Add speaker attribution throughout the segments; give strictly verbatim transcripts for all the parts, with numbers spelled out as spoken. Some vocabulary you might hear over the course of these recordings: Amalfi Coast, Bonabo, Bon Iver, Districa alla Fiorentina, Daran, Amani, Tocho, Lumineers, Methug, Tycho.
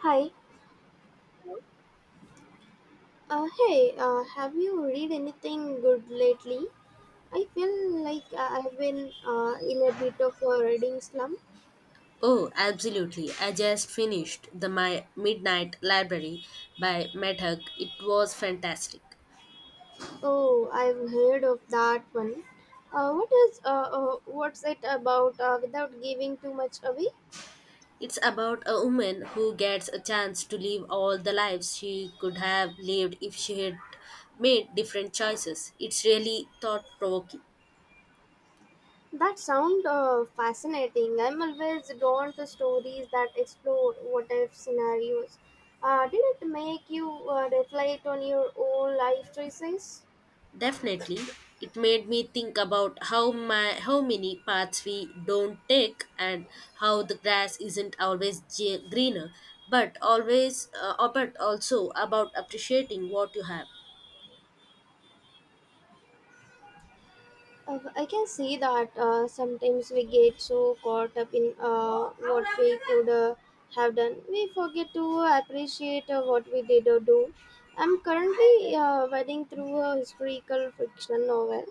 Speaker 1: Hi. Uh, hey, uh, have you read anything good lately? I feel like uh, I've been uh, in a bit of a reading slump.
Speaker 2: Oh, absolutely. I just finished The My Midnight Library by Methug. It was fantastic.
Speaker 1: Oh, I've heard of that one. Uh, what is uh, uh, what's it about uh, without giving too much away?
Speaker 2: It's about a woman who gets a chance to live all the lives she could have lived if she had made different choices. It's really thought provoking.
Speaker 1: That sound uh, fascinating. I'm always drawn to stories that explore what if scenarios. Uh, did it make you uh, reflect on your own life choices?
Speaker 2: Definitely, it made me think about how my how many paths we don't take and how the grass isn't always ge- greener, but always uh, uh, but also about appreciating what you have.
Speaker 1: Uh, I can see that uh, sometimes we get so caught up in uh, what we could uh, have done, we forget to appreciate uh, what we did or do. I'm currently uh, wading through a historical fiction novel,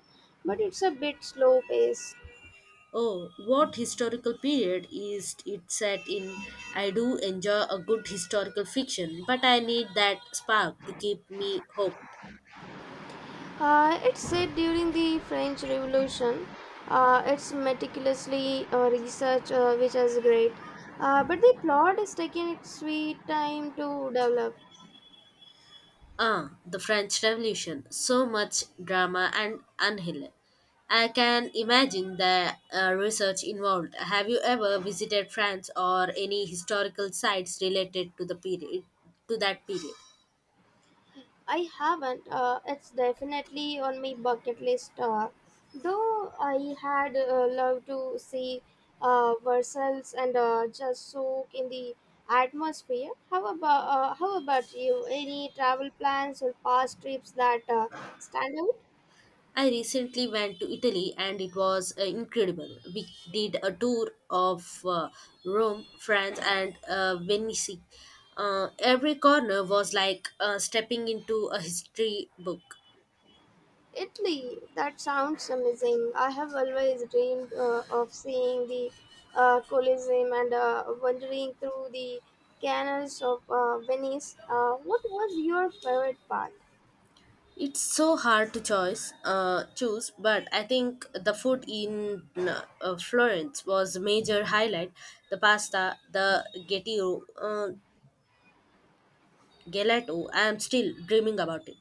Speaker 1: but it's a bit slow paced.
Speaker 2: Oh, what historical period is it set in? I do enjoy a good historical fiction, but I need that spark to keep me hooked.
Speaker 1: Uh, it's set during the French Revolution. Uh, it's meticulously uh, researched, uh, which is great. Uh, but the plot is taking its sweet time to develop.
Speaker 2: Ah, the French Revolution. So much drama and unhill. I can imagine the uh, research involved. Have you ever visited France or any historical sites related to the period to that period?
Speaker 1: I haven't. Uh, it's definitely on my bucket list. Uh, though I had uh, loved to see uh, Versailles and uh, just soak in the atmosphere. How about uh, how about you? Any travel plans or past trips that uh, stand out?
Speaker 2: I recently went to Italy and it was uh, incredible. We did a tour of uh, Rome, France, and uh, Venice. Uh, every corner was like uh, stepping into a history book.
Speaker 1: Italy, that sounds amazing. I have always dreamed uh, of seeing the uh, Colosseum and uh, wandering through the canals of uh, Venice. Uh, what was your favorite part?
Speaker 2: It's so hard to choice, uh, choose, but I think the food in uh, Florence was a major highlight. The pasta, the gettio, uh, gelato. I'm still dreaming about it.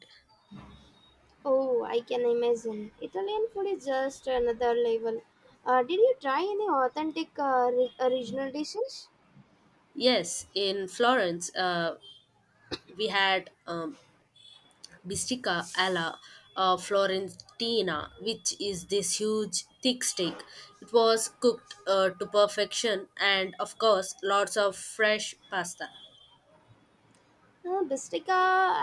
Speaker 1: Oh, I can imagine. Italian food is just another level. Uh, did you try any authentic uh, re- original dishes?
Speaker 2: Yes, in Florence, uh, we had um, bistica alla uh, Florentina, which is this huge thick steak. It was cooked uh, to perfection, and of course, lots of fresh pasta.
Speaker 1: No, Districa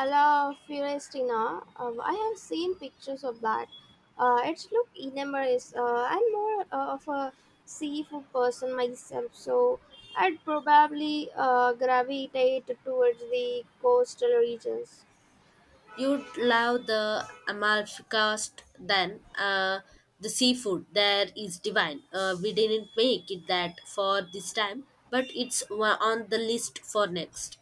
Speaker 1: alla Fiorentina. Uh, I have seen pictures of that. Uh, it look enormous. Uh, I'm more uh, of a seafood person myself, so I'd probably uh, gravitate towards the coastal regions.
Speaker 2: You'd love the Amalfi Coast then. Uh, the seafood there is divine. Uh, we didn't make it that for this time, but it's wa- on the list for next.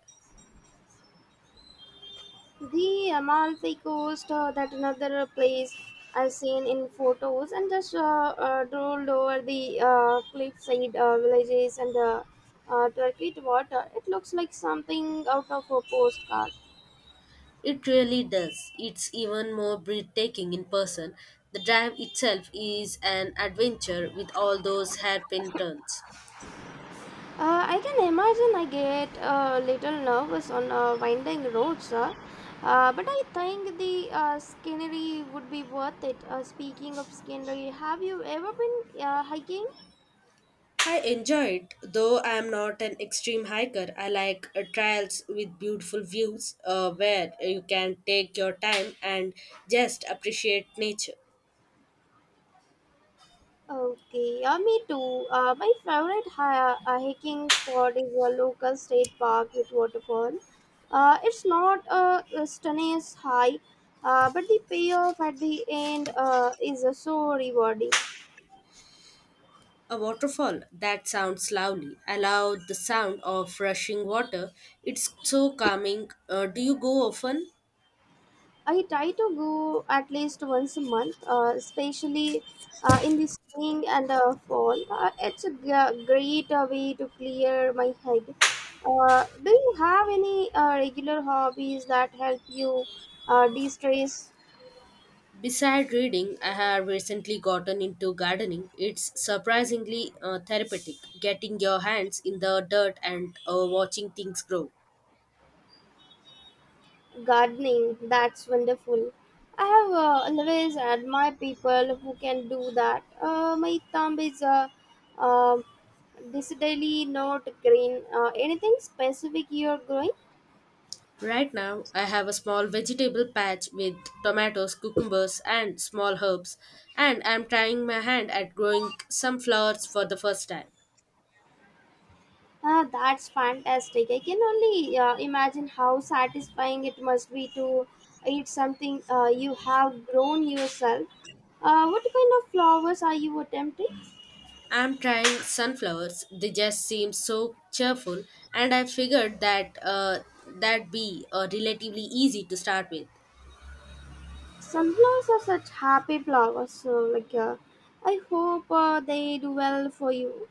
Speaker 1: The Amalfi Coast, uh, that another place I've seen in photos, and just uh, uh, rolled over the uh, cliffside uh, villages and uh, uh, turquoise water. It looks like something out of a postcard.
Speaker 2: It really does. It's even more breathtaking in person. The drive itself is an adventure with all those hairpin turns.
Speaker 1: Uh, I can imagine I get a little nervous on uh, winding roads, uh, uh, but I think the uh, scenery would be worth it. Uh, speaking of scenery, have you ever been uh, hiking?
Speaker 2: I enjoyed, though I am not an extreme hiker. I like uh, trails with beautiful views uh, where you can take your time and just appreciate nature.
Speaker 1: Okay, yeah, me too. Uh, my favorite hi- uh, hiking spot is a local state park with waterfall. Uh, it's not a, a stunning hike, uh, but the payoff at the end uh, is uh, so rewarding.
Speaker 2: A waterfall, that sounds lovely. I love the sound of rushing water. It's so calming. Uh, do you go often?
Speaker 1: I try to go at least once a month, uh, especially uh, in the spring and uh, fall. Uh, it's a g- great uh, way to clear my head. Uh, do you have any uh, regular hobbies that help you uh, de-stress?
Speaker 2: Beside reading, I have recently gotten into gardening. It's surprisingly uh, therapeutic, getting your hands in the dirt and uh, watching things grow.
Speaker 1: Gardening, that's wonderful. I have uh, always admired people who can do that. Uh, my thumb is uh, um decidedly not green. Uh, anything specific you're growing?
Speaker 2: Right now, I have a small vegetable patch with tomatoes, cucumbers, and small herbs, and I'm trying my hand at growing some flowers for the first time.
Speaker 1: Ah, that's fantastic. I can only uh, imagine how satisfying it must be to eat something uh, you have grown yourself. Uh, what kind of flowers are you attempting?
Speaker 2: I'm trying sunflowers. They just seem so cheerful, and I figured that uh, that would be uh, relatively easy to start with.
Speaker 1: Sunflowers are such happy flowers. So, like, uh, I hope uh, they do well for you.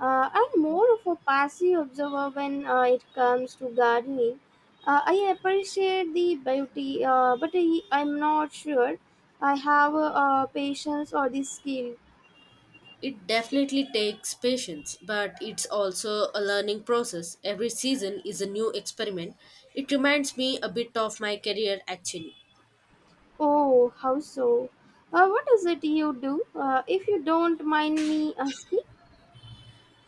Speaker 1: Uh, I'm more of a passive observer when uh, it comes to gardening. Uh, I appreciate the beauty, uh, but I, I'm not sure I have uh, uh, patience or the skill.
Speaker 2: It definitely takes patience, but it's also a learning process. Every season is a new experiment. It reminds me a bit of my career actually.
Speaker 1: Oh, how so? Uh, what is it you do? Uh, if you don't mind me, uh,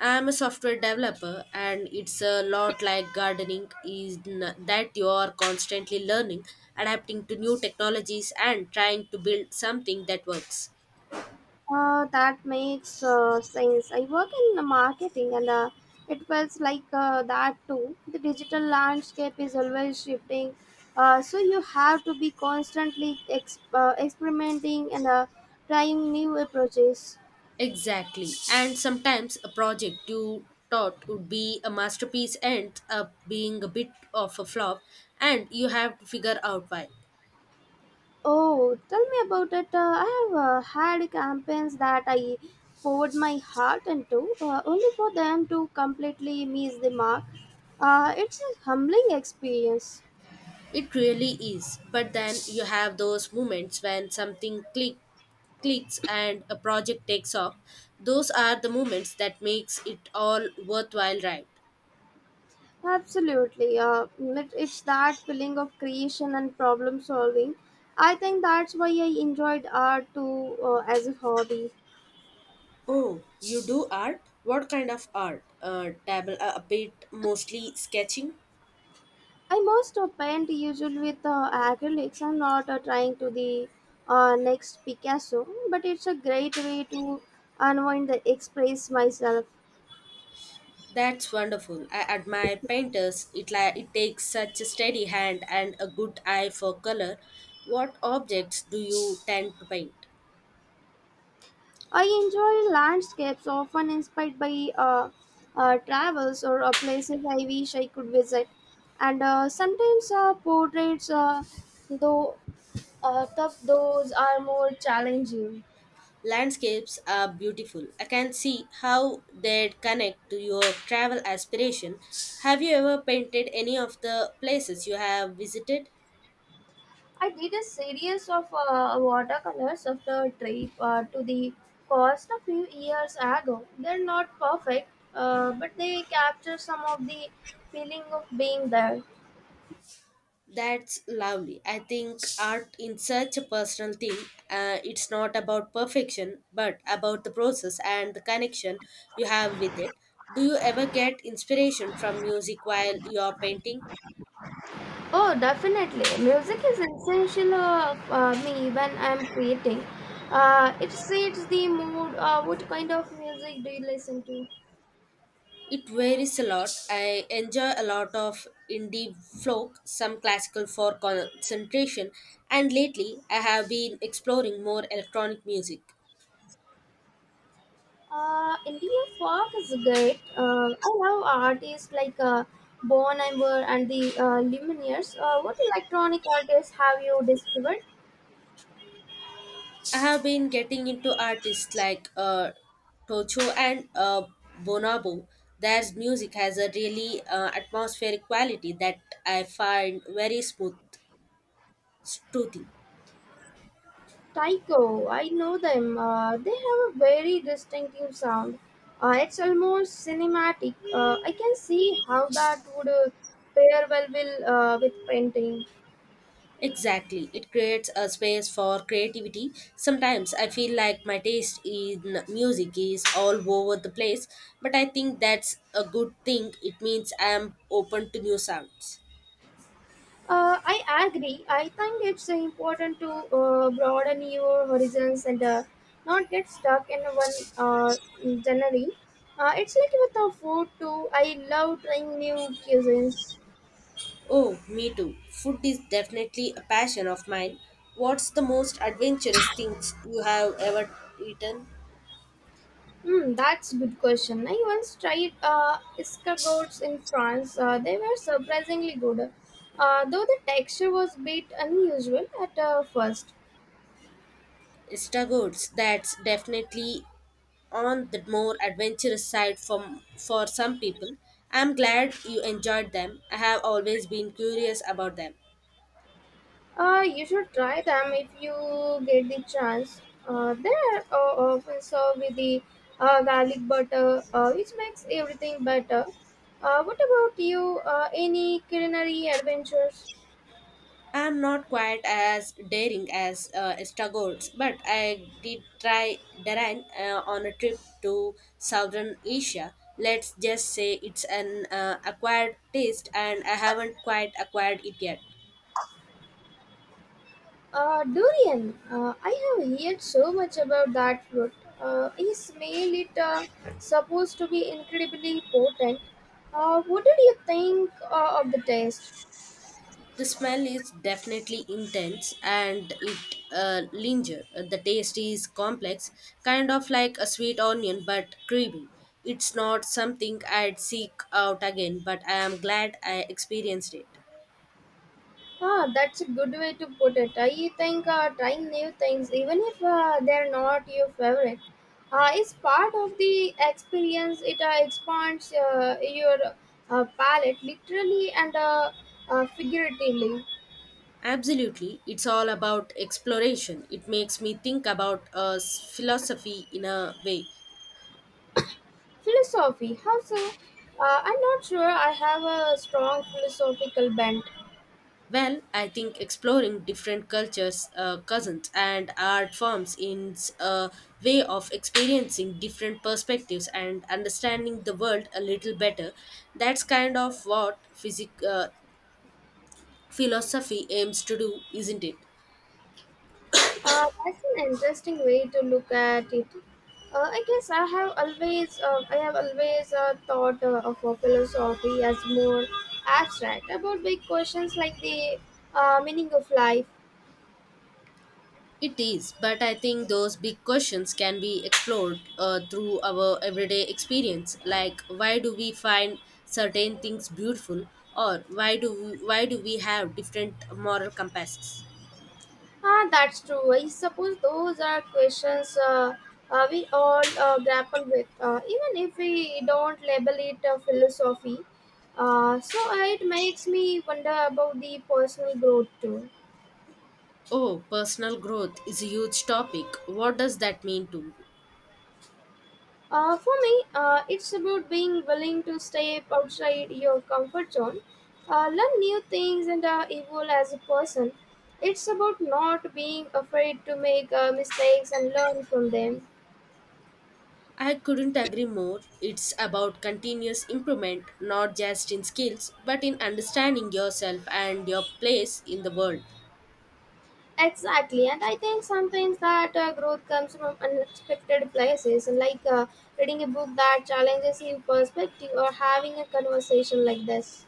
Speaker 2: I'm a software developer, and it's a lot like gardening is n- that you are constantly learning, adapting to new technologies, and trying to build something that works.
Speaker 1: uh, That makes uh, sense. I work in the marketing and uh, it feels like uh, that too. The digital landscape is always shifting. Uh, so you have to be constantly ex- uh, experimenting and uh, trying new approaches.
Speaker 2: Exactly. And sometimes a project you thought would be a masterpiece ends up being a bit of a flop, and you have to figure out why.
Speaker 1: Oh, tell me about it. Uh, I have uh, had campaigns that I poured my heart into, uh, only for them to completely miss the mark. Uh, it's a humbling experience.
Speaker 2: It really is. But then you have those moments when something click, clicks and a project takes off. Those are the moments that makes it all worthwhile, right?
Speaker 1: Absolutely. Uh, it, it's that feeling of creation and problem solving. I think that's why I enjoyed art too uh, as a hobby.
Speaker 2: Oh, you do art? What kind of art? Uh, dabble a a bit, mostly sketching.
Speaker 1: I most uh, paint usually with uh, acrylics. I'm not uh, trying to the uh, next Picasso, but it's a great way to unwind and express myself.
Speaker 2: That's wonderful. I admire painters. It like it takes such a steady hand and a good eye for color. What objects do you tend to paint?
Speaker 1: I enjoy landscapes often inspired by uh, uh, travels or uh, places I wish I could visit, and uh, sometimes uh, portraits, uh, though uh, tough, those are more challenging.
Speaker 2: Landscapes are beautiful. I can see how they'd connect to your travel aspiration. Have you ever painted any of the places you have visited?
Speaker 1: I did a series of uh, watercolors of the trip uh, to the coast a few years ago. They're not perfect, uh, but they capture some of the feeling of being there.
Speaker 2: That's lovely. I think art is such a personal thing. Uh, it's not about perfection, but about the process and the connection you have with it. Do you ever get inspiration from music while you're painting?
Speaker 1: Oh, definitely. Music is essential uh, for me when I'm creating. Uh, it sets the mood. Uh, what kind of music do you listen to?
Speaker 2: It varies a lot. I enjoy a lot of indie folk, some classical for concentration, and lately I have been exploring more electronic music.
Speaker 1: Uh, India folk is great. Uh, I love artists like uh, Bon Iver and the uh, Lumineers. Uh, what electronic artists have you discovered?
Speaker 2: I have been getting into artists like uh, Tocho and uh, Bonabo. Their music has a really uh, atmospheric quality that I find very smooth, soothing.
Speaker 1: Tycho, I know them. Uh, they have a very distinctive sound. Uh, it's almost cinematic. Uh, I can see how that would uh, pair well will, uh, with painting.
Speaker 2: Exactly. It creates a space for creativity. Sometimes I feel like my taste in music is all over the place, but I think that's a good thing. It means I am open to new sounds.
Speaker 1: Uh, I agree. I think it's uh, important to uh, broaden your horizons and uh, not get stuck in one uh, genre. Uh, it's like with a food too. I love trying new cuisines.
Speaker 2: Oh, me too. Food is definitely a passion of mine. What's the most adventurous things you have ever eaten?
Speaker 1: Hmm, that's a good question. I once tried uh, escargots in France. Uh, they were surprisingly good, uh, though the texture was a bit unusual at uh, first.
Speaker 2: Stagoods, that's definitely on the more adventurous side for, for some people. I'm glad you enjoyed them. I have always been curious about them.
Speaker 1: Uh, you should try them if you get the chance. Uh, they are uh, often served with the uh, garlic butter, uh, which makes everything better. Uh, what about you? Uh, any culinary adventures?
Speaker 2: I'm not quite as daring as uh, Stagoods, but I did try Daran uh, on a trip to southern Asia. Let's just say it's an uh, acquired taste, and I haven't quite acquired it yet.
Speaker 1: Uh, durian. Uh, I have heard so much about that fruit. Uh, I smell it uh, supposed to be incredibly potent. Uh, what did you think uh, of the taste?
Speaker 2: The smell is definitely intense and it uh, linger. The taste is complex, kind of like a sweet onion but creamy. It's not something I'd seek out again, but I am glad I experienced it.
Speaker 1: Ah, that's a good way to put it. I think uh, trying new things, even if uh, they're not your favorite, uh, is part of the experience. It uh, expands uh, your uh, palate literally and uh, uh, figuratively.
Speaker 2: Absolutely, it's all about exploration. It makes me think about uh, philosophy in a way.
Speaker 1: Philosophy, how so? Uh, I'm not sure I have a strong philosophical bent.
Speaker 2: Well, I think exploring different cultures, uh, cousins, and art forms is a way of experiencing different perspectives and understanding the world a little better. That's kind of what physic- uh, philosophy aims to do, isn't it?
Speaker 1: Uh, that's an interesting way to look at it. Uh, I guess I have always, uh, I have always uh, thought uh, of a philosophy as more abstract about big questions like the uh, meaning of life.
Speaker 2: It is, but I think those big questions can be explored uh, through our everyday experience, like why do we find certain things beautiful, or why do we, why do we have different moral compasses?
Speaker 1: Ah, that's true. I suppose those are questions uh, uh, we all uh, grapple with, uh, even if we don't label it a philosophy. Uh, so it makes me wonder about the personal growth too.
Speaker 2: Oh, personal growth is a huge topic. What does that mean to you?
Speaker 1: Uh, for me, uh, it's about being willing to step outside your comfort zone, uh, learn new things, and uh, evolve as a person. It's about not being afraid to make uh, mistakes and learn from them.
Speaker 2: I couldn't agree more. It's about continuous improvement, not just in skills, but in understanding yourself and your place in the world.
Speaker 1: Exactly, and I think sometimes that uh, growth comes from unexpected places, like uh, reading a book that challenges your perspective or having a conversation like this.